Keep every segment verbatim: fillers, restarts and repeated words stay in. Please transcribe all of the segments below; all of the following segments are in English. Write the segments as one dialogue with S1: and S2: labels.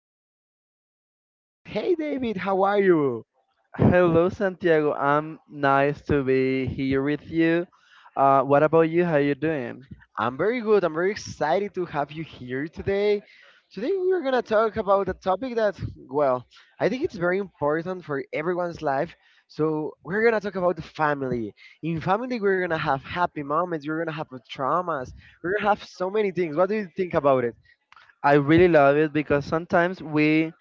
S1: we have a very special guest. Hey David, how are you?
S2: Hello, Santiago. I'm nice to be here with you. Uh, what about you? How you doing?
S1: I'm very good. I'm very excited to have you here today. Today we're going to talk about a topic that, well, I think it's very important for everyone's life. So we're going to talk about the family. In family, we're going to have happy moments. We're going to have traumas. We're going to have so many things. What do you think about it?
S2: I really love it because sometimes we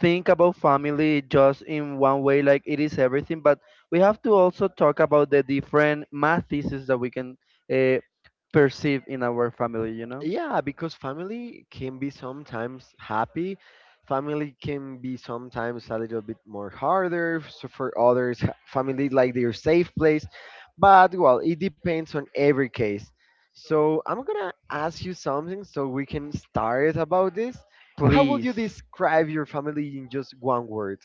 S2: think about family just in one way, like it is everything, but we have to also talk about the different math that we can uh, perceive in our family, you know?
S1: Yeah, because family can be sometimes happy. Family can be sometimes a little bit more harder. So for others, ha- family like their safe place. But well, it depends on every case. So I'm gonna ask you something so we can start about this. How would you
S2: Please.
S1: describe your family in just one word?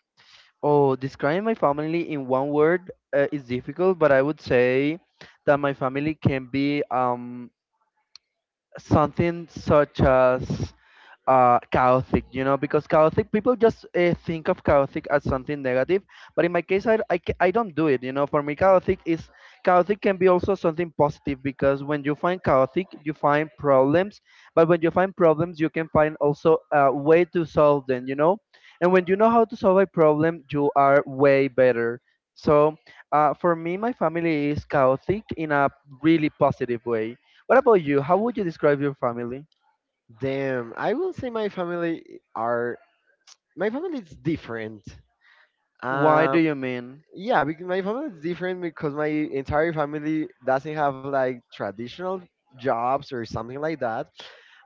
S2: Oh, describing my family in one word uh, is difficult, but I would say that my family can be um something such as uh, chaotic, you know, because chaotic people just uh, think of chaotic as something negative. But in my case, I, I, ca- I don't do it, you know. For me, chaotic is chaotic can be also something positive because when you find chaotic, you find problems. But when you find problems, you can find also a way to solve them, you know. And when you know how to solve a problem, you are way better. So uh, for me, my family is chaotic in a really positive way. What about you? How would you describe your family?
S1: Damn, I will say my family are my family is different.
S2: Why do
S1: Um.
S2: you mean?
S1: Yeah, because my family is different because my entire family doesn't have like traditional jobs or something like that.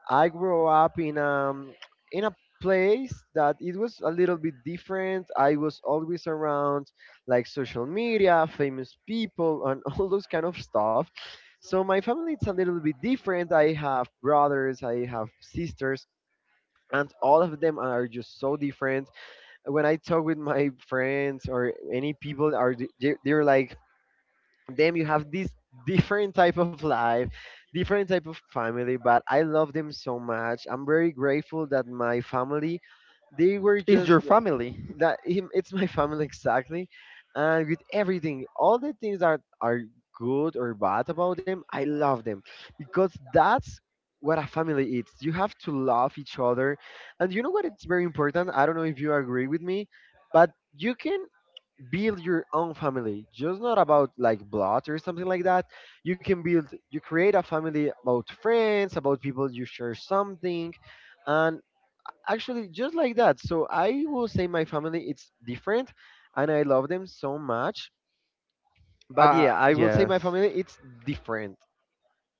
S1: I grew up in um in a place that it was a little bit different. I was always around like social media, famous people, and all those kind of stuff. So my family is a little bit different. I have brothers, I have sisters, and all of them are just so different when I talk with my friends or any people, are th- they- they're like, "Damn, you have this different type of life, different type of family." But I love them so much. I'm very grateful that my family, they were
S2: Is
S1: just
S2: your family?
S1: that him, it's my family, exactly, and with everything, all the things that are good or bad about them, I love them, because that's what a family is. You have to love each other. And you know what? It's very important. I don't know if you agree with me, but you can build your own family, just not about like blood or something like that. You can build You create a family about friends, about people you share something, and actually just like that. So I will say my family, it's different, and I love them so much. But
S2: Uh
S1: yeah, I will say my
S2: yes.
S1: family, it's different.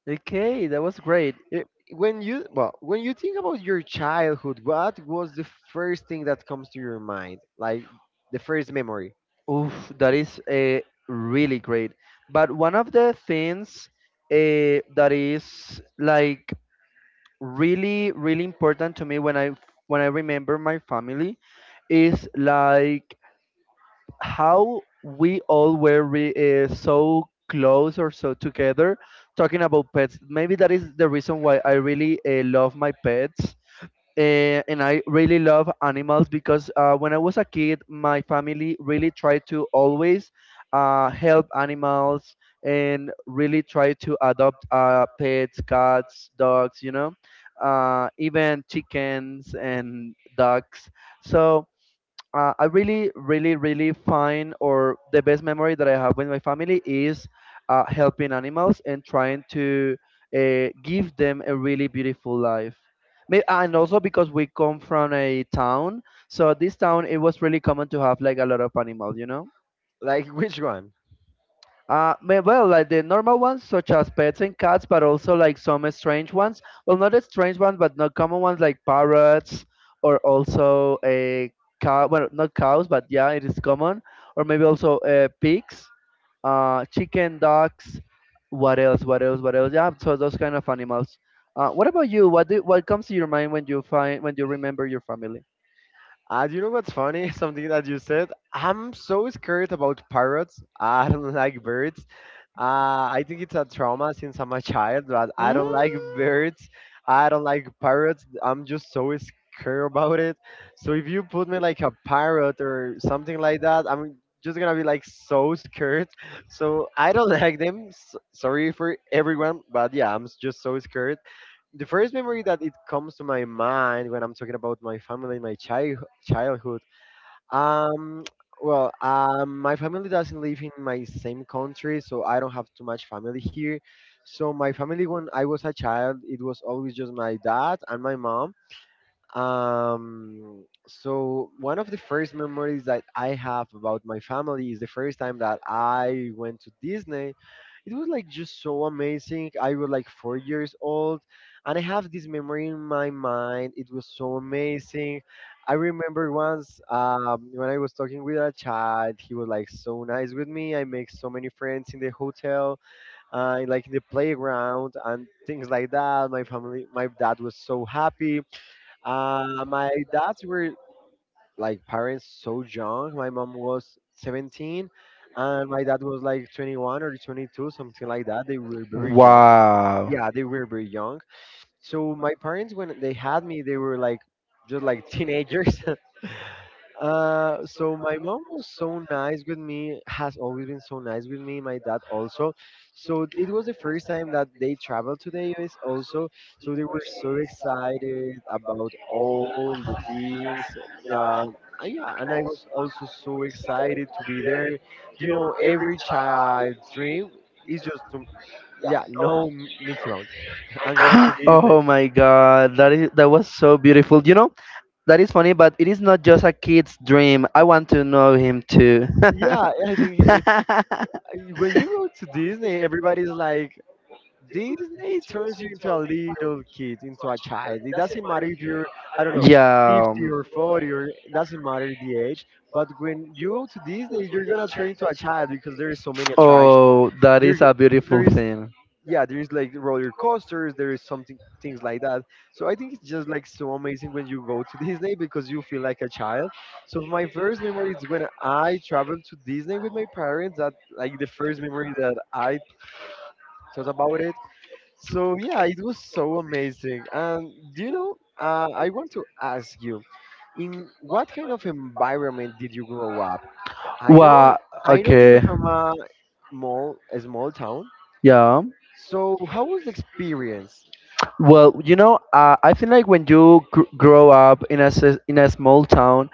S2: Okay, that was great.
S1: It- when you, well, when you think about your childhood, what was the first thing that comes to your mind, like the first memory,
S2: Oof, that is uh, really great. But one of the things uh, that is like really really important to me when I when I remember my family is like how we all were re- uh, so close or so together talking about pets. Maybe that is the reason why I really uh, love my pets. Uh, and I really love animals because uh, when I was a kid, my family really tried to always uh, help animals and really try to adopt uh, pets, cats, dogs, you know, uh, even chickens and ducks. So uh, I really, really, really find or the best memory that I have with my family is uh, helping animals and trying to uh, give them a really beautiful life. May- And also because we come from a town, so this town it was really common to have like a lot of animals, you know.
S1: like, which one?
S2: Uh, ma- well, like the normal ones, such as pets and cats, but also like some strange ones. Well, not strange ones, but not common ones like parrots or also a cow. Well, not cows, but yeah, it is common. Or maybe also uh, pigs, uh, chicken, dogs. What else? What else? What else? Yeah, so those kind of animals. Uh, what about you? What do, what comes to your mind when you find when you remember your family?
S1: Uh, you know what's funny? Something that you said. I'm so scared about parrots. I don't like birds. Uh, I think it's a trauma since I'm a child, but I
S2: Mm.
S1: don't like birds. I don't like parrots. I'm just so scared about it. So if you put me like a parrot or something like that, I'm just gonna be like so scared. So I don't like them. S sorry for everyone, but yeah, I'm just so scared. The first memory that it comes to my mind when I'm talking about my family, my child childhood. Um, well, um, my family doesn't live in my same country, so I don't have too much family here. So my family, when I was a child, it was always just my dad and my mom. Um, so one of the first memories that I have about my family is the first time that I went to Disney. It was like just so amazing. I was like four years old, and I have this memory in my mind. It was so amazing. I remember once, um, when I was talking with a child, he was like so nice with me. I make so many friends in the hotel, uh, like in the playground and things like that. My family, my dad was so happy. Uh, my dads were like parents so young. My mom was seventeen and my dad was like twenty-one or twenty-two, something like that. They were very young.
S2: Wow.
S1: Yeah, they were very young. So my parents, when they had me, they were like just like teenagers. Uh, so my mom was so nice with me, has always been so nice with me, my dad also. So it was the first time that they traveled to the U S also. So they were so excited about all the things. Um, and yeah, and I was also so excited to be there. You know, every child dream is just to, yeah, no, Mickey Mouse and go to Disney.
S2: Oh my god, that is that was so beautiful. You know, that is funny, but it is not just a kid's dream. I want to know him too.
S1: Yeah, I think it's, when you go to Disney, everybody's like, Disney turns you into a little kid, into a child. It doesn't matter if you're, I don't know,
S2: Yeah.
S1: fifty or forty, or it doesn't matter the age. But when you go to Disney, you're gonna turn into a child because there is so many attractions.
S2: Oh, that
S1: There,
S2: is a beautiful
S1: there is,
S2: thing.
S1: yeah, there is like roller coasters. There is something things like that. So I think it's just like so amazing when you go to Disney because you feel like a child. So my first memory is when I traveled to Disney with my parents. That like the first memory that I thought about it. So yeah, it was so amazing. And do you know, uh, I want to ask you, in what kind of environment did you grow up? I know,
S2: Wow.
S1: I know you're
S2: Okay.
S1: from a small, a small town.
S2: Yeah.
S1: So how was the experience
S2: Well, you know, uh, I feel like when you gr- grow up in a s- in a small town,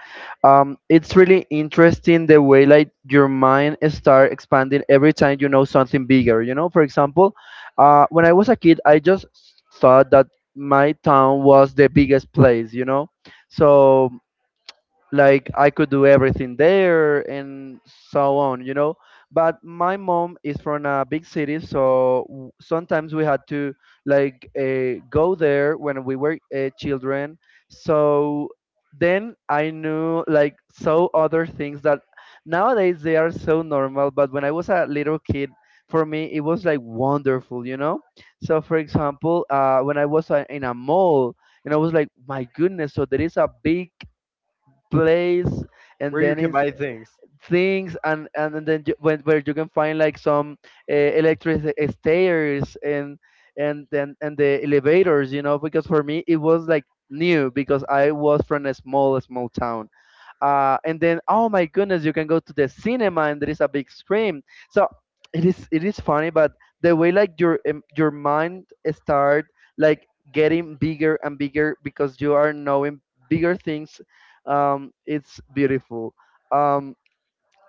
S2: um, it's really interesting the way like your mind start expanding every time you know something bigger. You know, for example, uh, when I was a kid, I just thought that my town was the biggest place. You know, so like I could do everything there and so on, you know. But my mom is from a big city, so w- sometimes we had to like uh, go there when we were uh, children. So then I knew like so other things that nowadays they are so normal, but when I was a little kid, for me it was like wonderful, you know. So for example, uh, when I was uh, in a mall and I was like, my goodness, so there is a big place and
S1: where you
S2: then
S1: can
S2: it's
S1: buy things?
S2: things and and then you, when, where you can find like some uh, electric stairs and and then and the elevators, you know, because for me it was like new because I was from a small small town uh, and then, oh my goodness, you can go to the cinema and there is a big screen. So it is, it is funny, but the way like your um, your mind start like getting bigger and bigger because you are knowing bigger things. um, it's beautiful. um,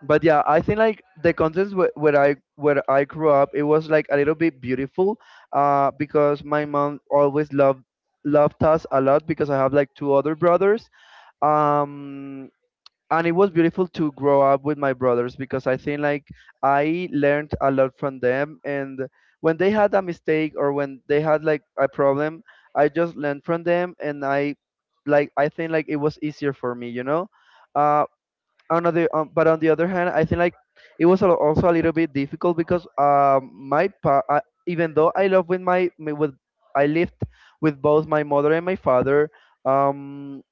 S2: but yeah, I think like the contents where, where i where i grew up, it was like a little bit beautiful uh, because my mom always loved loved us a lot because I have like two other brothers. um and it was beautiful to grow up with my brothers because I think like I learned a lot from them, and when they had a mistake or when they had like a problem, I just learned from them, and I, like, I think like it was easier for me, you know. Uh on the um, but on the other hand, I think like it was al- also a little bit difficult because um my pa- I, even though I love with my with I lived with both my mother and my father. um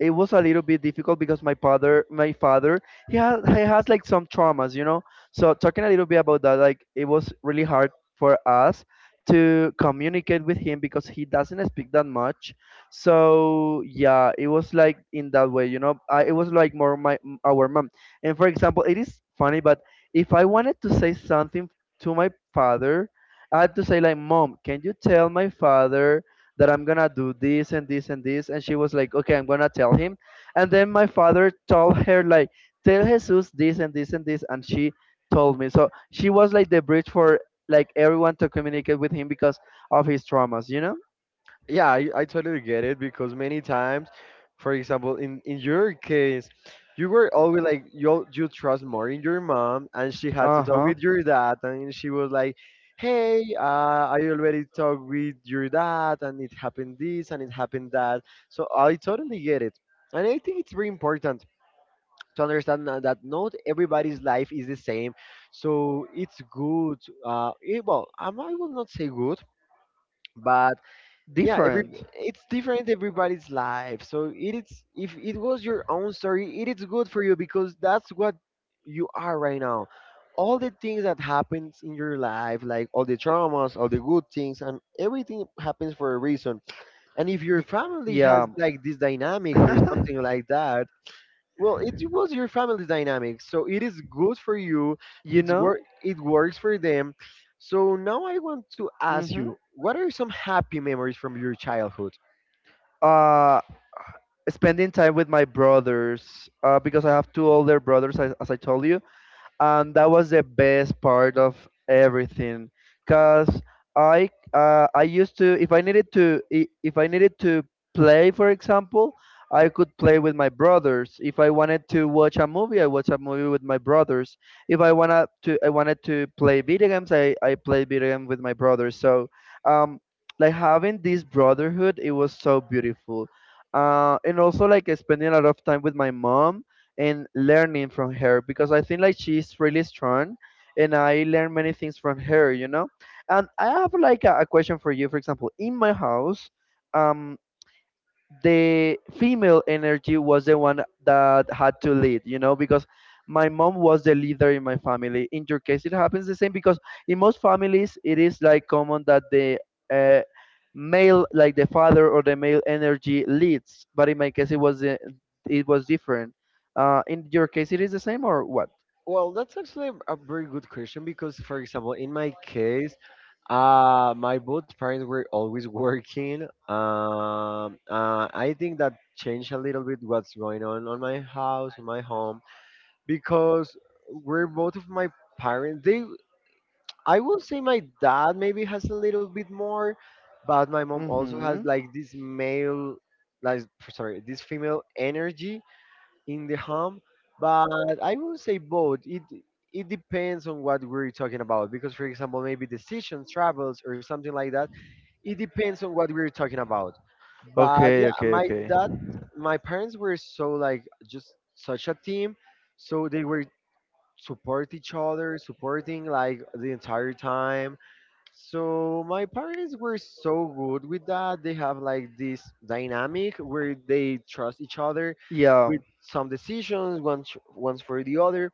S2: it was a little bit difficult because my father my father, he has, he has like some traumas, you know. So talking a little bit about that, like it was really hard for us to communicate with him because he doesn't speak that much. So yeah, it was like in that way, you know. I, it was like more my m- our mom. And for example, it is funny, but if I wanted to say something to my father, I had to say, like, mom, can you tell my father that I'm gonna do this and this and this. And she was like, okay, I'm gonna tell him. And then my father told her, like, tell Jesus this and this and this. And she told me. So she was like the bridge for like everyone to communicate with him because of his traumas, you know?
S1: Yeah, I, I totally get it because many times, for example, in, in your case, you were always like you you trust more in your mom, and she had to
S2: Uh
S1: talk
S2: huh.
S1: with your dad, and she was like, "Hey, uh, I already talked with your dad, and it happened this, and it happened that." So I totally get it, and I think it's very important to understand that that not everybody's life is the same. So it's good. Uh, eh, well, um, I will not say good, but yeah, every
S2: Different.
S1: it's different everybody's life. So it is, if it was your own story, it is good for you, because that's what you are right now. All the things that happens in your life, like all the traumas, all the good things, and everything happens for a reason. And if your family has
S2: Yeah.
S1: like this dynamic or something like that, well, it was your family dynamic, so it is good for you.
S2: You
S1: It's
S2: know,
S1: work. It works for them. So now I want to ask
S2: mm-hmm.
S1: you, what are some happy memories from your childhood?
S2: Uh, spending time with my brothers, uh, because I have two older brothers, as, as I told you. And that was the best part of everything because i uh, i used to, if I needed to I- if I needed to play, for example, I could play with my brothers. If I wanted to watch a movie, I watch a movie with my brothers. If I wanted to I wanted to play video games, i I play video games with my brothers. So um like having this brotherhood, it was so beautiful. uh and also like spending a lot of time with my mom and learning from her because I think like she's really strong, and I learn many things from her, you know. And I have like a, a question for you. For example, in my house, um the female energy was the one that had to lead, you know, because my mom was the leader in my family. In your case, it happens the same because in most families, it is like common that the uh, male, like the father or the male energy leads, but in my case, it was the- it was different. Uh, in your case, it is the same or what?
S1: Well, that's actually a very good question because, for example, in my case, uh, my both parents were always working. Um, uh, I think that changed a little bit what's going on on my house, on my home, because we're both of my parents. They, I will say my dad maybe has a little bit more, but my mom also has
S2: Mm-hmm.
S1: like this male, like, sorry, this female energy in the home. But I will say both. It it depends on what we're talking about because, for example, maybe decisions, travels, or something like that. It depends on what we're talking about. But
S2: Okay,
S1: yeah,
S2: okay,
S1: my
S2: okay.
S1: dad, my parents were so like just such a team, so they were support each other, supporting like the entire time. So my parents were so good with that. They have like this dynamic where they trust each other
S2: Yeah,
S1: with some decisions, once once for the other.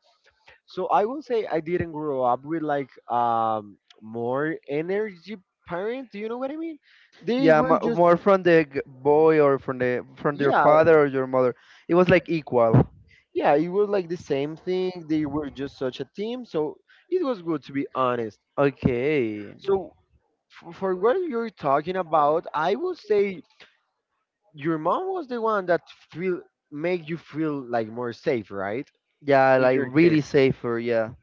S1: So I will say I didn't grow up with like um more energy parent. Do you know what I mean? They
S2: yeah,
S1: were
S2: mo-
S1: just,
S2: more from the g- boy or from the from your
S1: yeah,
S2: father or your mother. It was like equal.
S1: yeah. It was like the same thing. They were just such a team. So it was good to be honest.
S2: Okay.
S1: So f- for what you're talking about, I will say, your mom was the one that feel make you feel like more safe, right?
S2: Yeah,
S1: In
S2: like
S1: your
S2: really
S1: case.
S2: safer, yeah.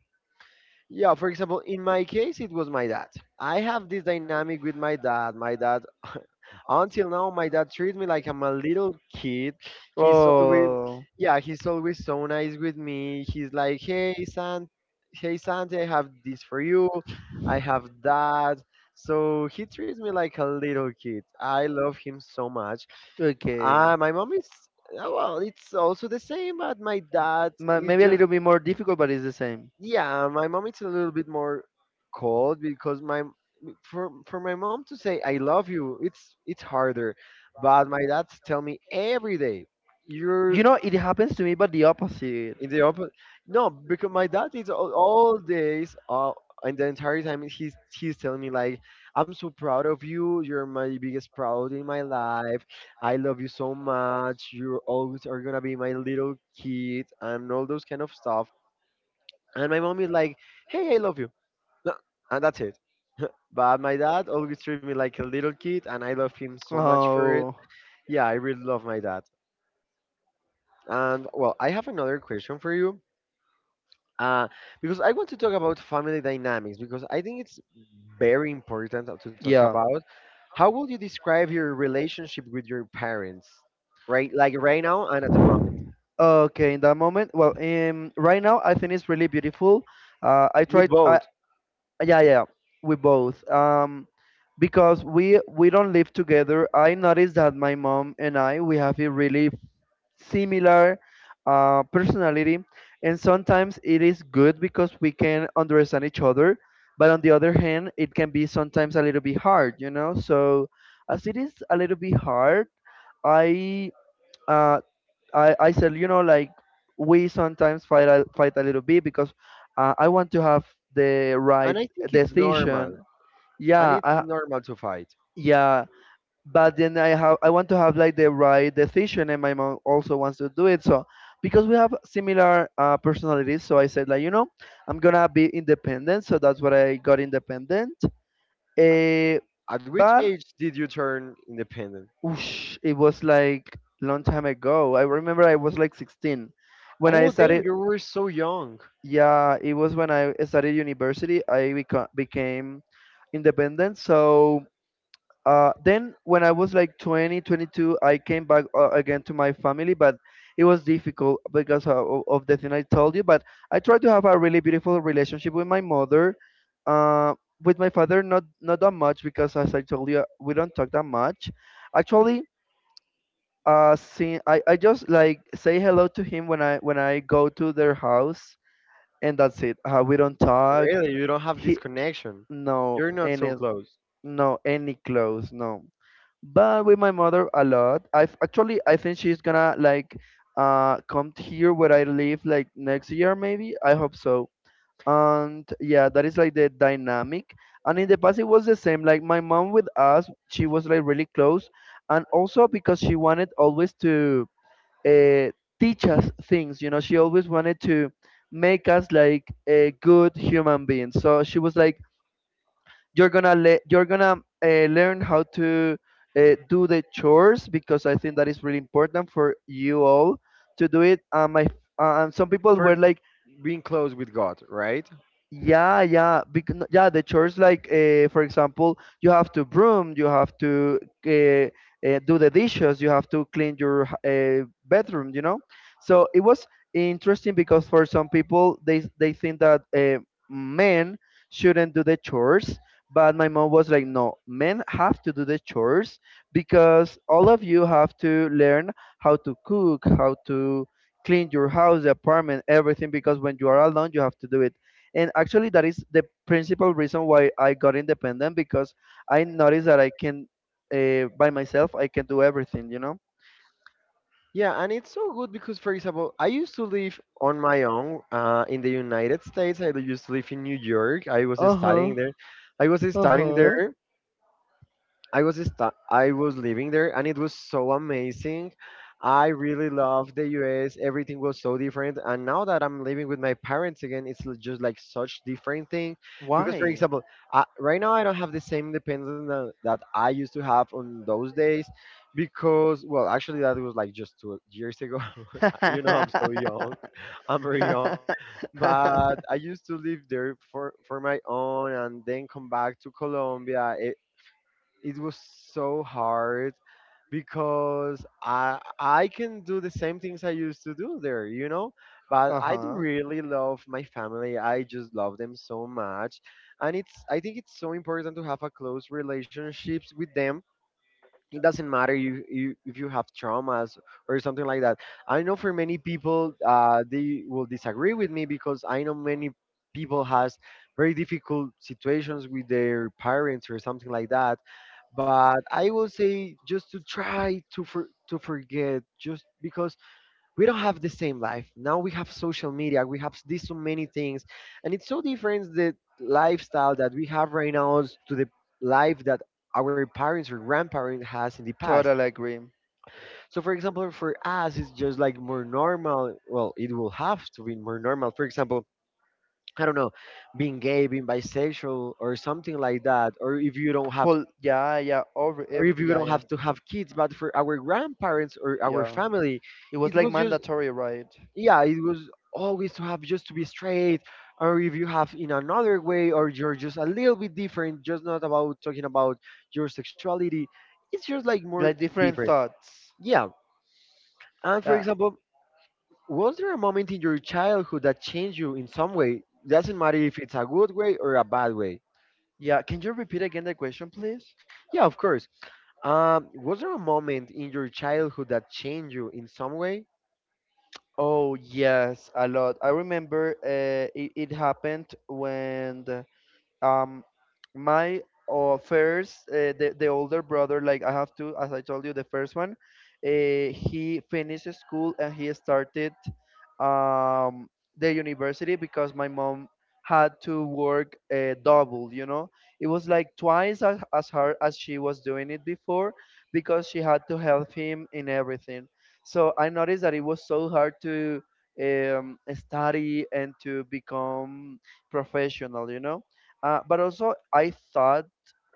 S1: Yeah, for example, in my case it was my dad. I have this dynamic with my dad. My dad, until now my dad treats me like I'm a little kid. He's always,
S2: Oh,
S1: yeah, he's always so nice with me. He's like, "Hey, son, hey, Santa, I have this for you. I have that." So he treats me like a little kid. I love him so much.
S2: okay.
S1: Uh, my mom is, uh, well, it's also the same, but my dad
S2: Ma-
S1: is
S2: Maybe a
S1: just.
S2: little bit more difficult, but it's the same.
S1: Yeah. My mom is a little bit more cold because my for for my mom to say I love you, it's it's harder. But my dad tell me every day,
S2: You
S1: you're
S2: know, it happens to me, but the opposite.
S1: in the open. No, because my dad is all, all days all and the entire time he's he's telling me like I'm so proud of you, you're my biggest proud in my life, I love you so much, you always are gonna be my little kid and all those kind of stuff. And my mom is like, hey, I love you. No, and that's it. But my dad always treat me like a little kid and I love him so much for it.
S2: Oh,
S1: Yeah, I really love my dad. And well, I have another question for you. Uh, because I want to talk about family dynamics because I think it's very important to talk
S2: yeah.
S1: about. How would you describe your relationship with your parents, right? Like right now and at the moment,
S2: Okay, in that moment, well, um, right now I think it's really beautiful. Uh, I
S1: with
S2: tried, I,
S1: both.
S2: yeah, yeah, we both. Um, because we we don't live together. I noticed that my mom and I, we have a really similar uh, personality, and sometimes it is good because we can understand each other. But on the other hand, it can be sometimes a little bit hard, you know. So as it is a little bit hard, I uh, I I said, you know, like we sometimes fight a, fight a little bit because uh, I want to have the right
S1: And I think it's
S2: decision.
S1: normal, and
S2: Yeah,
S1: it's
S2: I,
S1: normal to fight.
S2: yeah, but then I have, I want to have like the right decision, and my mom also wants to do it. So because we have similar uh, personalities, so I said like, you know, I'm gonna be independent. So that's what I got, independent. Eh,
S1: At which
S2: but
S1: age did you turn independent?
S2: whoosh, it was like long time ago. I remember I was like sixteen when I
S1: Oh, damn,
S2: started.
S1: you were so young.
S2: Yeah, it was when I started university. I beca- became independent. So, uh, then when I was like twenty, twenty-two, I came back uh, again to my family. But it was difficult because of, of of the thing I told you. But I tried to have a really beautiful relationship with my mother. uh, with my father, not not that much, because as I told you, we don't talk that much actually. Uh see, i, I just like say hello to him when i when i go to their house. And that's it. Uh, we don't talk.
S1: Really, you don't have this
S2: He,
S1: connection.
S2: no
S1: You're not so
S2: any,
S1: close.
S2: no any clothes, no. But with my mother, a lot. I've actually, I think she's gonna like uh come t- here where I live like next year maybe, I hope so. And yeah, that is like the dynamic. And in the past, it was the same. Like my mom with us, she was like really close. And also because she wanted always to uh, teach us things, you know, she always wanted to make us like a good human being. So she was like, you're gonna le- you're gonna uh, learn how to uh, do the chores, because I think that is really important for you all to do it. Um, I, um, some people
S1: For
S2: were like,
S1: being close with God, right?
S2: yeah, yeah, because yeah, the chores like, uh, for example, you have to broom, you have to uh, uh, do the dishes, you have to clean your h- uh, bedroom, you know. So it was interesting because for some people, they they think that uh, men shouldn't do the chores. But my mom was like, no, men have to do the chores, because all of you have to learn how to cook, how to clean your house, the apartment, everything, because when you are alone, you have to do it. And actually that is the principal reason why I got independent, because I noticed that I can, uh, by myself I can do everything, you know.
S1: Yeah, and it's so good because, for example, I used to live on my own uh, in the United States. I used to live in New York. I was
S2: Uh-huh.
S1: studying there. I was studying
S2: Uh-huh.
S1: there, I was sta- I was living there and it was so amazing. I really loved the U S. Everything was so different. And now that I'm living with my parents again, it's l- just like such different thing. Because for
S2: Why?
S1: example, I, right now I don't have the same independence that, that I used to have on those days. Because well, actually that was like just two years ago. You know, I'm so young. I'm very young, but I used to live there for for my own and then come back to Colombia. E-, it was so hard because I I can do the same things I used to do there, you know. But
S2: Uh
S1: I do
S2: huh.
S1: really love my family. I just love them so much, and it's I think it's so important to have a close relationships with them. It doesn't matter you, you if you have traumas or something like that. I know for many people uh, they will disagree with me because I know many people has very difficult situations with their parents or something like that, but I will say just to try to for, to forget just because we don't have the same life now. We have social media, we have these so many things, and it's so different the lifestyle that we have right now is to the life that our parents or grandparents has in the past.
S2: Totally agree.
S1: So for example, for us it's just like more normal, well it will have to be more normal. For example, I don't know, being gay, being bisexual, or something like that, or if you don't have
S2: Pull. Yeah, yeah. Over.
S1: or if
S2: Every,
S1: you
S2: yeah,
S1: don't have
S2: yeah,
S1: to have kids, but for our grandparents or our
S2: yeah.
S1: family,
S2: It was
S1: it
S2: like
S1: was just
S2: mandatory, right?
S1: yeah, it was always to have just to be straight, or if you have in another way, or you're just a little bit different, just not about talking about your sexuality. It's just like more
S2: Like different
S1: different.
S2: thoughts.
S1: Yeah. And for
S2: Yeah.
S1: example, was there a moment in your childhood that changed you in some way? Doesn't matter if it's a good way or a bad way.
S2: Yeah. Can you repeat again the question, please?
S1: Yeah, of course. Um, was there a moment in your childhood that changed you in some way?
S2: Oh yes, a lot. I remember uh, it, it happened when the- um my uh, first uh, the, the older brother, like I have to, as I told you, the first one. Uh, he finished school and he started um the university, because my mom had to work uh, double, you know. It was like twice as, as hard as she was doing it before, because she had to help him in everything. So I noticed that it was so hard to um, study and to become professional, you know. Uh, but also, I thought,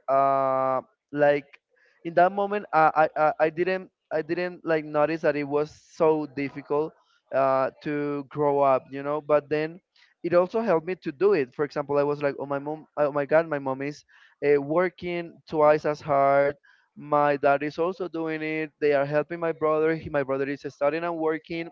S2: uh, like in that moment, I, I, I I didn't, I didn't like notice that it was so difficult uh, to grow up, you know. But then, it also helped me to do it. For example, I was like, oh my mom, oh my God, my mom is uh, working twice as hard. My dad is also doing it. They are helping my brother. He, my brother is studying and working.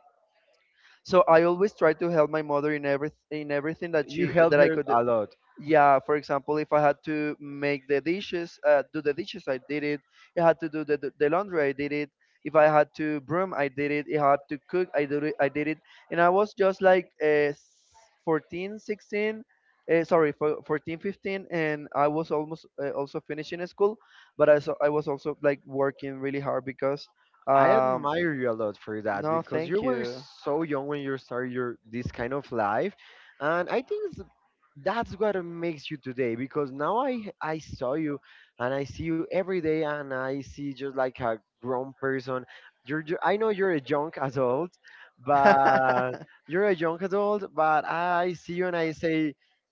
S2: So I always try to help my mother in every in everything that
S1: You
S2: she
S1: helped
S2: that I
S1: her
S2: could.
S1: a lot.
S2: Yeah, for example, if I had to make the dishes, uh, do the dishes, I did it. If I had to do the, the the laundry, I did it. If I had to broom, I did it. If I had to cook, I did it. I did it. And I was just like uh, s- fourteen, sixteen, uh, sorry, fo- fourteen, fifteen, and I was almost uh, also finishing school, but I, so, I was also like working really hard because,
S1: I
S2: um,
S1: admire you a lot for that
S2: no,
S1: because
S2: thank
S1: you were
S2: you.
S1: so young when you started your this kind of life,
S2: And that's what makes
S1: and I think it's- that's what makes you today. Because now I I saw you, and I see you every day, and I see just like a grown person. You're ju- I know you're a young adult,
S2: you're a
S1: but
S2: young,
S1: you're a young adult. But I see you and I say,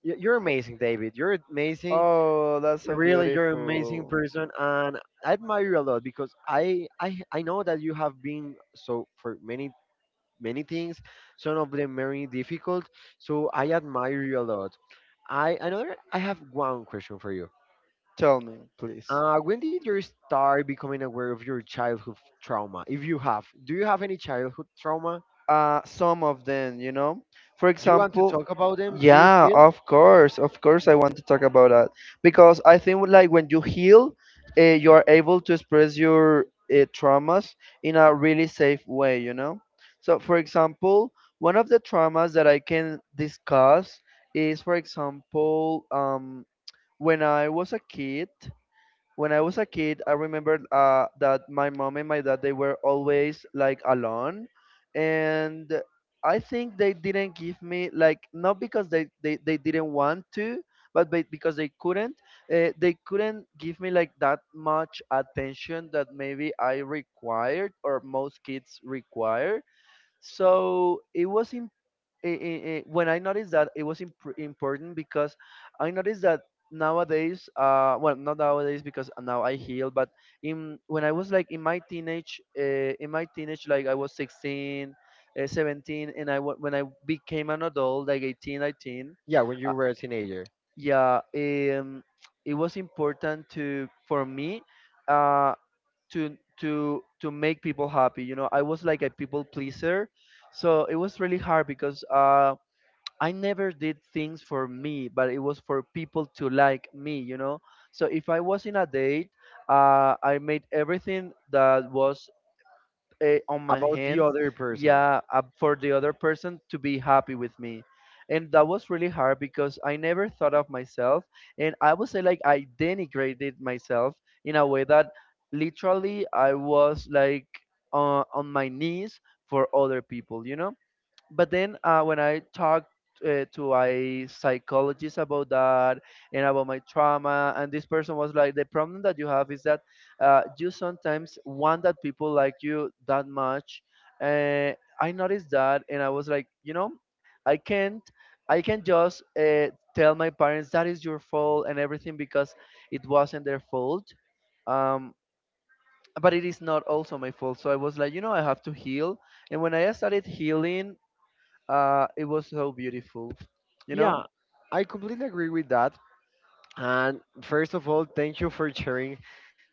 S1: "Y- You're amazing, David. You're amazing.
S2: oh, that's so.
S1: Really, you're an amazing person, and I admire you a lot because I I I know that you have been so for many many things, some of them very difficult. So I admire you a lot. I another I have one question for you.
S2: Tell me, please.
S1: Uh, when did you start becoming aware of your childhood trauma? If you have, do you have any childhood trauma?
S2: Uh, some of them, you know. For
S1: Do you want to
S2: example,
S1: talk about them? Do you
S2: yeah,
S1: feel?
S2: of course, of course, I want to talk about that, because I think like when you heal, uh, you are able to express your uh, traumas in a really safe way, you know. So, for example, one of the traumas that I can discuss is, for example, um when I was a kid, when I was a kid, I remember uh, that my mom and my dad, they were always like alone. And I think they didn't give me like, not because they they, they didn't want to, but be- because they couldn't. Uh, they couldn't give me like that much attention that maybe I required or most kids require. So it was, i- i- i- when I noticed that it was imp- important, because I noticed that nowadays, uh, well, not nowadays because now I heal, but in, when I was like in my teenage, uh, in my teenage, like I was sixteen, uh, seventeen, and I wa- when I became an adult, like eighteen, nineteen.
S1: Yeah, when
S2: uh,
S1: you were a teenager,
S2: yeah, um, it was important to for me, uh, to to to make people happy. You know, I was like a people pleaser, so it was really hard because uh I never did things for me, but it was for people to like me, you know. So if I was in a date, uh, I made everything that was uh, on my
S1: about the
S2: hands,
S1: other person.
S2: yeah, uh, for the other person to be happy with me, and that was really hard because I never thought of myself, and I would say like I denigrated myself in a way that literally I was like uh, on my knees for other people, you know. But then uh, when I talked uh, to a psychologist about that and about my trauma, and this person was like, the problem that you have is that uh, you sometimes want that people like you that much. Uh, I noticed that, and I was like, you know, I can't. I can not just uh, tell my parents that is your fault and everything, because it wasn't their fault. Um, but it is not also my fault. So I was like, you know, I have to heal. And when I started healing, uh, it was so beautiful, you know.
S1: Yeah, I completely agree with that. And first of all, thank you for sharing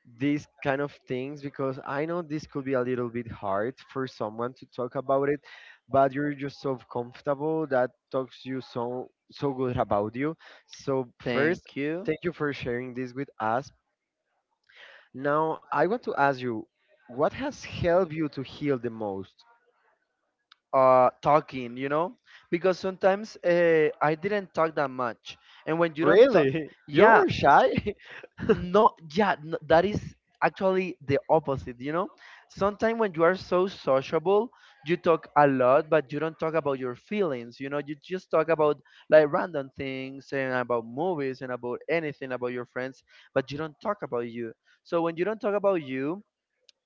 S1: these kind of things because I know this could be a little bit hard for someone to talk about it, but you're just so comfortable that talks you so so good about you. So first,
S2: Thank you.
S1: thank you for sharing this with us. Now, I want to ask you, what has helped you to heal the most?
S2: Uh, talking, you know, because sometimes uh, I didn't talk that much, and when you don't talk,
S1: Really? You
S2: yeah,
S1: were shy?
S2: no, yeah, n that is actually the opposite, you know. Sometimes when you are so sociable, you talk a lot but you don't talk about your feelings, you know. You just talk about like random things and about movies and about anything, about your friends, but you don't talk about you. So when you don't talk about you,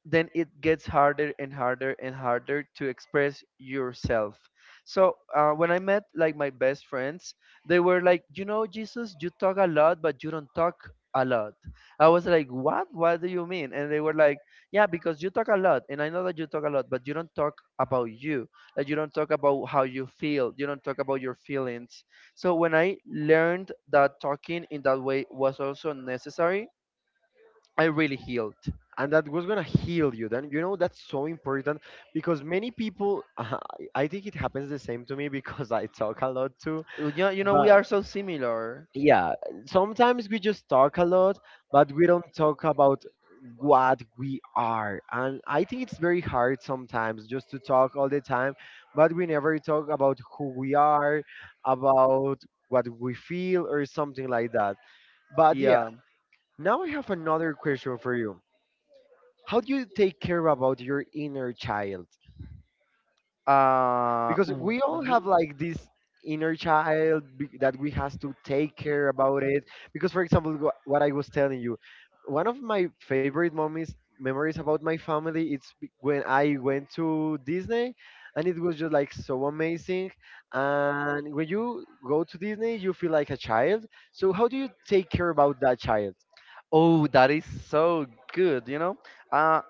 S2: then it gets harder and harder and harder to express yourself. So uh, when I met like my best friends, they were like, you know, Jesus, you talk a lot, but you don't talk a lot. I was like, what? What do you mean? And they were like, yeah, because you talk a lot, and I know that you talk a lot, but you don't talk about you. Like you don't talk about how you feel. You don't talk about your feelings. So when I learned that talking in that way was also necessary, I really healed.
S1: And that was gonna heal you then, you know. That's so important because many people i I think it happens the same to me because I talk a lot too,
S2: You know, you know we
S1: but
S2: are so similar.
S1: yeah, sometimes we just talk a lot but we don't talk about what we are. And I think it's very hard sometimes just to talk all the time but we never talk about who we are, about what we feel or something like that, but yeah.
S2: Yeah.
S1: Now I have another question for you. How do you take care about your inner child,
S2: Uh,
S1: because
S2: mm,
S1: we all
S2: mhm.
S1: have like this inner child be- that we has to take care about it. Because for example, wh- what I was telling you, one of my favorite moments memories about my family it's be- when I went to Disney, and it was just like so amazing. And when you go to Disney you feel like a child, so how do you take care about that child?
S2: Oh, that is so good, you know? Uh,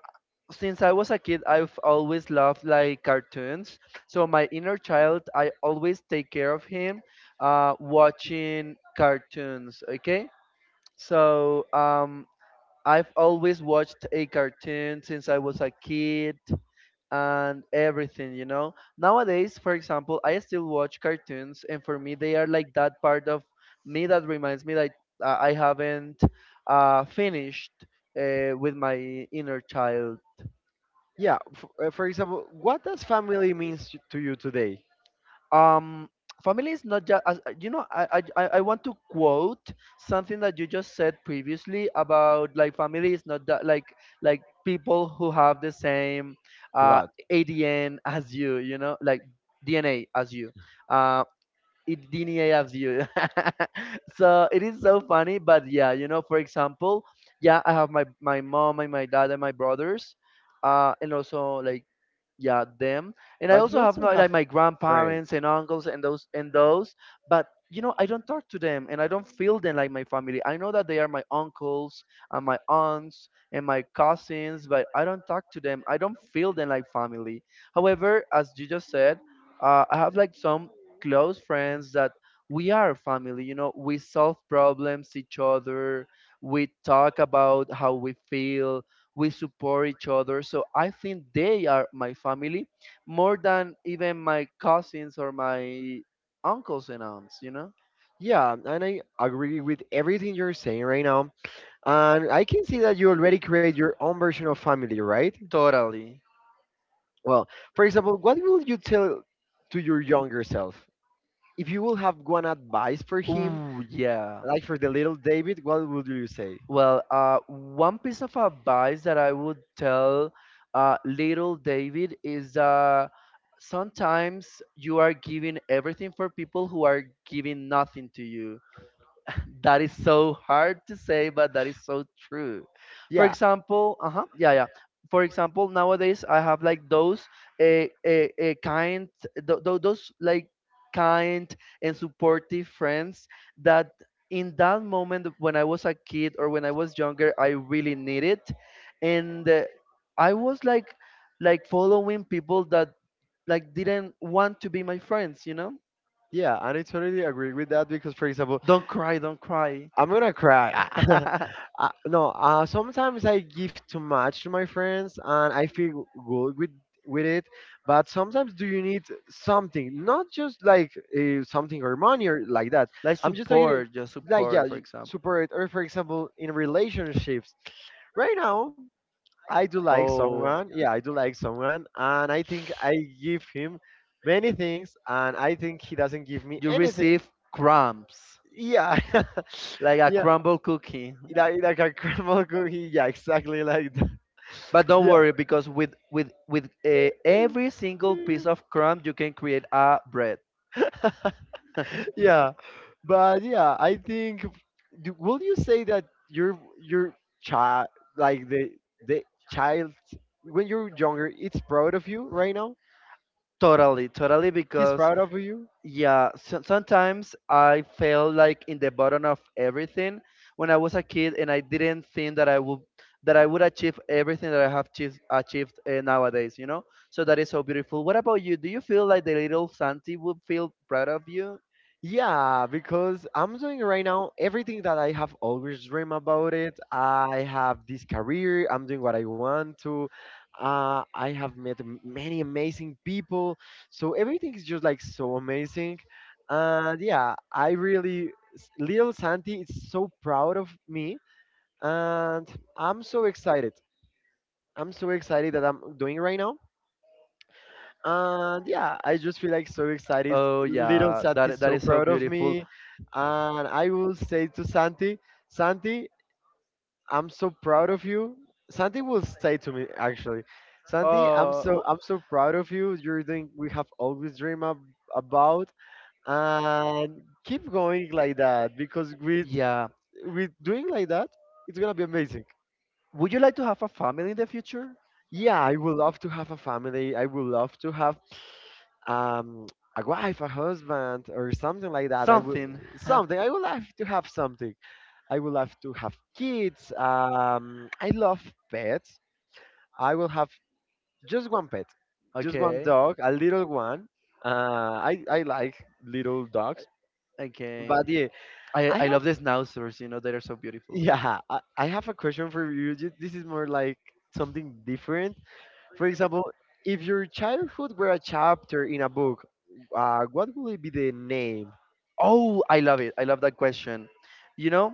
S2: since I was a kid, I've always loved like cartoons. So my inner child, I always take care of him, uh, watching cartoons. Okay, so um, I've always watched a cartoon since I was a kid and everything, you know. Nowadays for example, I still watch cartoons, and for me they are like that part of me that reminds me that i I haven't uh, finished uh, with my inner child.
S1: Yeah, f- uh, for example, what does family means to you today?
S2: um Family is not just, you know, I, I i I want to quote something that you just said previously about like family is not that like like people who have the same, uh
S1: Lot.
S2: adn as you, you know, like dna as you, uh it dna as you. So it is so funny. But yeah, you know, for example, yeah, I have my my mom and my dad and my brothers, uh and also like, yeah, them. And I
S1: But you
S2: also have
S1: also
S2: my- like
S1: have
S2: my
S1: friends.
S2: grandparents and uncles and those and those. But you know, I don't talk to them and I don't feel them like my family. I know that they are my uncles and my aunts and my cousins, but I don't talk to them. I don't feel them like family. However, as you just said, uh, I have like some close friends that we are family, you know. We solve problems each other, we talk about how we feel, we support each other. So I think they are my family more than even my cousins or my uncles and aunts, you know.
S1: Yeah, and I agree with everything you're saying right now. And I can see that you already create your own version of family, right?
S2: Totally.
S1: Well, for example, what will you tell to your younger self? If you will have one advice for him,
S2: Ooh yeah.
S1: like for the little David, what would you say?
S2: Well, uh, one piece of advice that I would tell uh, little David is, uh, sometimes you are giving everything for people who are giving nothing to you. That is so hard to say, but that is so true. For
S1: Yeah,
S2: example, uh huh, yeah, yeah. For example, nowadays I have like those, a a, a kind th- th- those like kind and supportive friends that in that moment when I was a kid or when I was younger I really needed. And uh, I was like like following people that like didn't want to be my friends, you know.
S1: yeah, and I totally agree with that because, for example,
S2: Don't cry, don't cry.
S1: I'm gonna cry. I, no, uh, sometimes I give too much to my friends, and I feel good with with it. But sometimes, do you need something? Not just like uh, something or money or like that.
S2: Like
S1: I'm just talking
S2: support, just
S1: like yeah,
S2: support, for example.
S1: support or for example in relationships. Right now, I do like
S2: Oh,
S1: someone. Yeah, I do like someone, and I think I give him many things, and I think he doesn't give me
S2: you
S1: anything.
S2: receive crumbs,
S1: Yeah,
S2: like a
S1: yeah,
S2: crumble cookie.
S1: like like a caramel cookie. Yeah, exactly like that.
S2: But don't
S1: Yeah,
S2: worry, because with with with uh, every single piece of crumb, you can create a bread.
S1: yeah. But yeah, I think. Do, will you say that your your child, like the the child, when you're younger, it's proud of you right now?
S2: Totally, totally,
S1: He's
S2: because,
S1: proud of you.
S2: yeah, so, sometimes I felt like in the bottom of everything when I was a kid, and I didn't think that I would that I would achieve everything that I have achieved, achieved uh, nowadays. You know, so that is so beautiful. What about you? Do you feel like the little Santi would feel proud of you?
S1: Yeah, because I'm doing right now everything that I have always dreamed about it. I have this career, I'm doing what I want to. Uh, I have met m- many amazing people. So everything is just like so amazing. And yeah, I really, s- little Santi is so proud of me. And I'm so excited. I'm so excited that I'm doing right now. And yeah, I just feel like so excited.
S2: Oh
S1: Little
S2: yeah, that
S1: Santi's
S2: that
S1: so
S2: is so
S1: proud of
S2: beautiful.
S1: me. And I will say to Santi, Santi, I'm so proud of you. Santi will say to me actually, Santi, I'm so
S2: Oh,
S1: I'm so proud of you. You're doing we have always dreamed ab- about, and keep going like that because with
S2: yeah.
S1: with doing like that, it's gonna be amazing.
S2: Would you like to have a family in the future?
S1: Yeah, I would love to have a family. I would love to have um, a wife, a husband, or something like that. I would
S2: Something.
S1: something. I would love to have something. I would love to have kids. Um, I love pets. I will have just one pet, just one
S2: Okay.
S1: dog, a little one. Uh, I I like little dogs,
S2: Okay.
S1: but yeah,
S2: I,
S1: I
S2: I
S1: have
S2: love the schnauzers, you know, they are so beautiful.
S1: yeah, I, I have a question for you. Ju- This is more like something different. For example, if your childhood were a chapter in a book, uh, what would it be the name?
S2: Oh, I love it. I love that question. You know,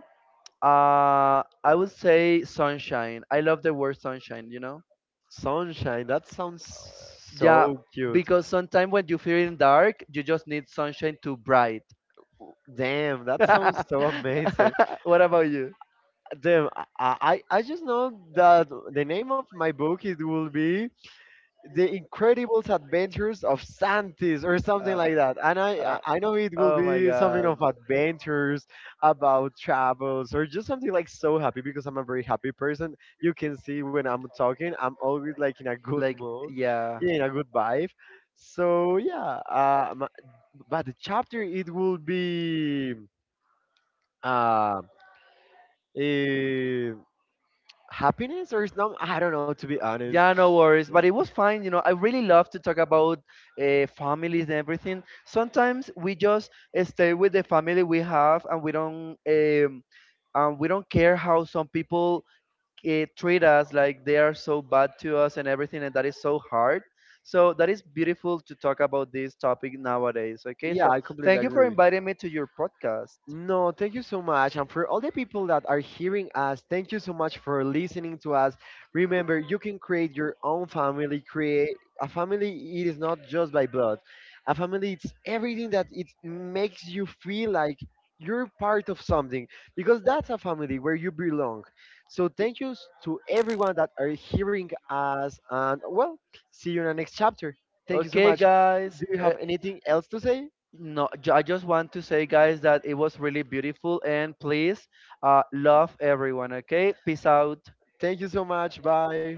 S2: uh, I would say sunshine. I love the word sunshine, you know?
S1: Sunshine, that sounds
S2: Yeah,
S1: so cute.
S2: because sometimes when you feel in dark, you just need sunshine to bright.
S1: Damn, that sounds so amazing.
S2: What about you?
S1: Damn, I, I, I just know that the name of my book it will be The Incredible Adventures of Santis or something
S2: Uh,
S1: like that. And I, I
S2: uh,
S1: I know it will
S2: oh my
S1: be something
S2: god.
S1: of adventures about travels or just something like so happy because I'm a very happy person. You can see when I'm talking, I'm always like in a good
S2: Like,
S1: mood,
S2: yeah.
S1: in a good vibe. So yeah, um, but the chapter it will be uh, eh, happiness or something. I don't know to be honest.
S2: Yeah, no worries. But it was fine. You know, I really love to talk about uh, families and everything. Sometimes we just uh, stay with the family we have, and we don't, um, and we don't care how some people uh, treat us, like they are so bad to us and everything, and that is so hard. So that is beautiful to talk about this topic nowadays. Okay,
S1: Yeah,
S2: so
S1: I completely
S2: thank you for
S1: agree.
S2: inviting me to your podcast.
S1: No, thank you so much. And for all the people that are hearing us, thank you so much for listening to us. Remember, you can create your own family. Create a family, it is not just by blood. A family, it's everything that it makes you feel like you're part of something because that's a family where you belong. So thank you s- to everyone that are hearing us. And well, see you in the next chapter. Thank you so
S2: Okay, much.
S1: much.
S2: Guys.
S1: Do you have anything else to say?
S2: No, ju- I just want to say, guys, that it was really beautiful. And please, uh, love everyone, okay? Peace out.
S1: Thank you so much. Bye.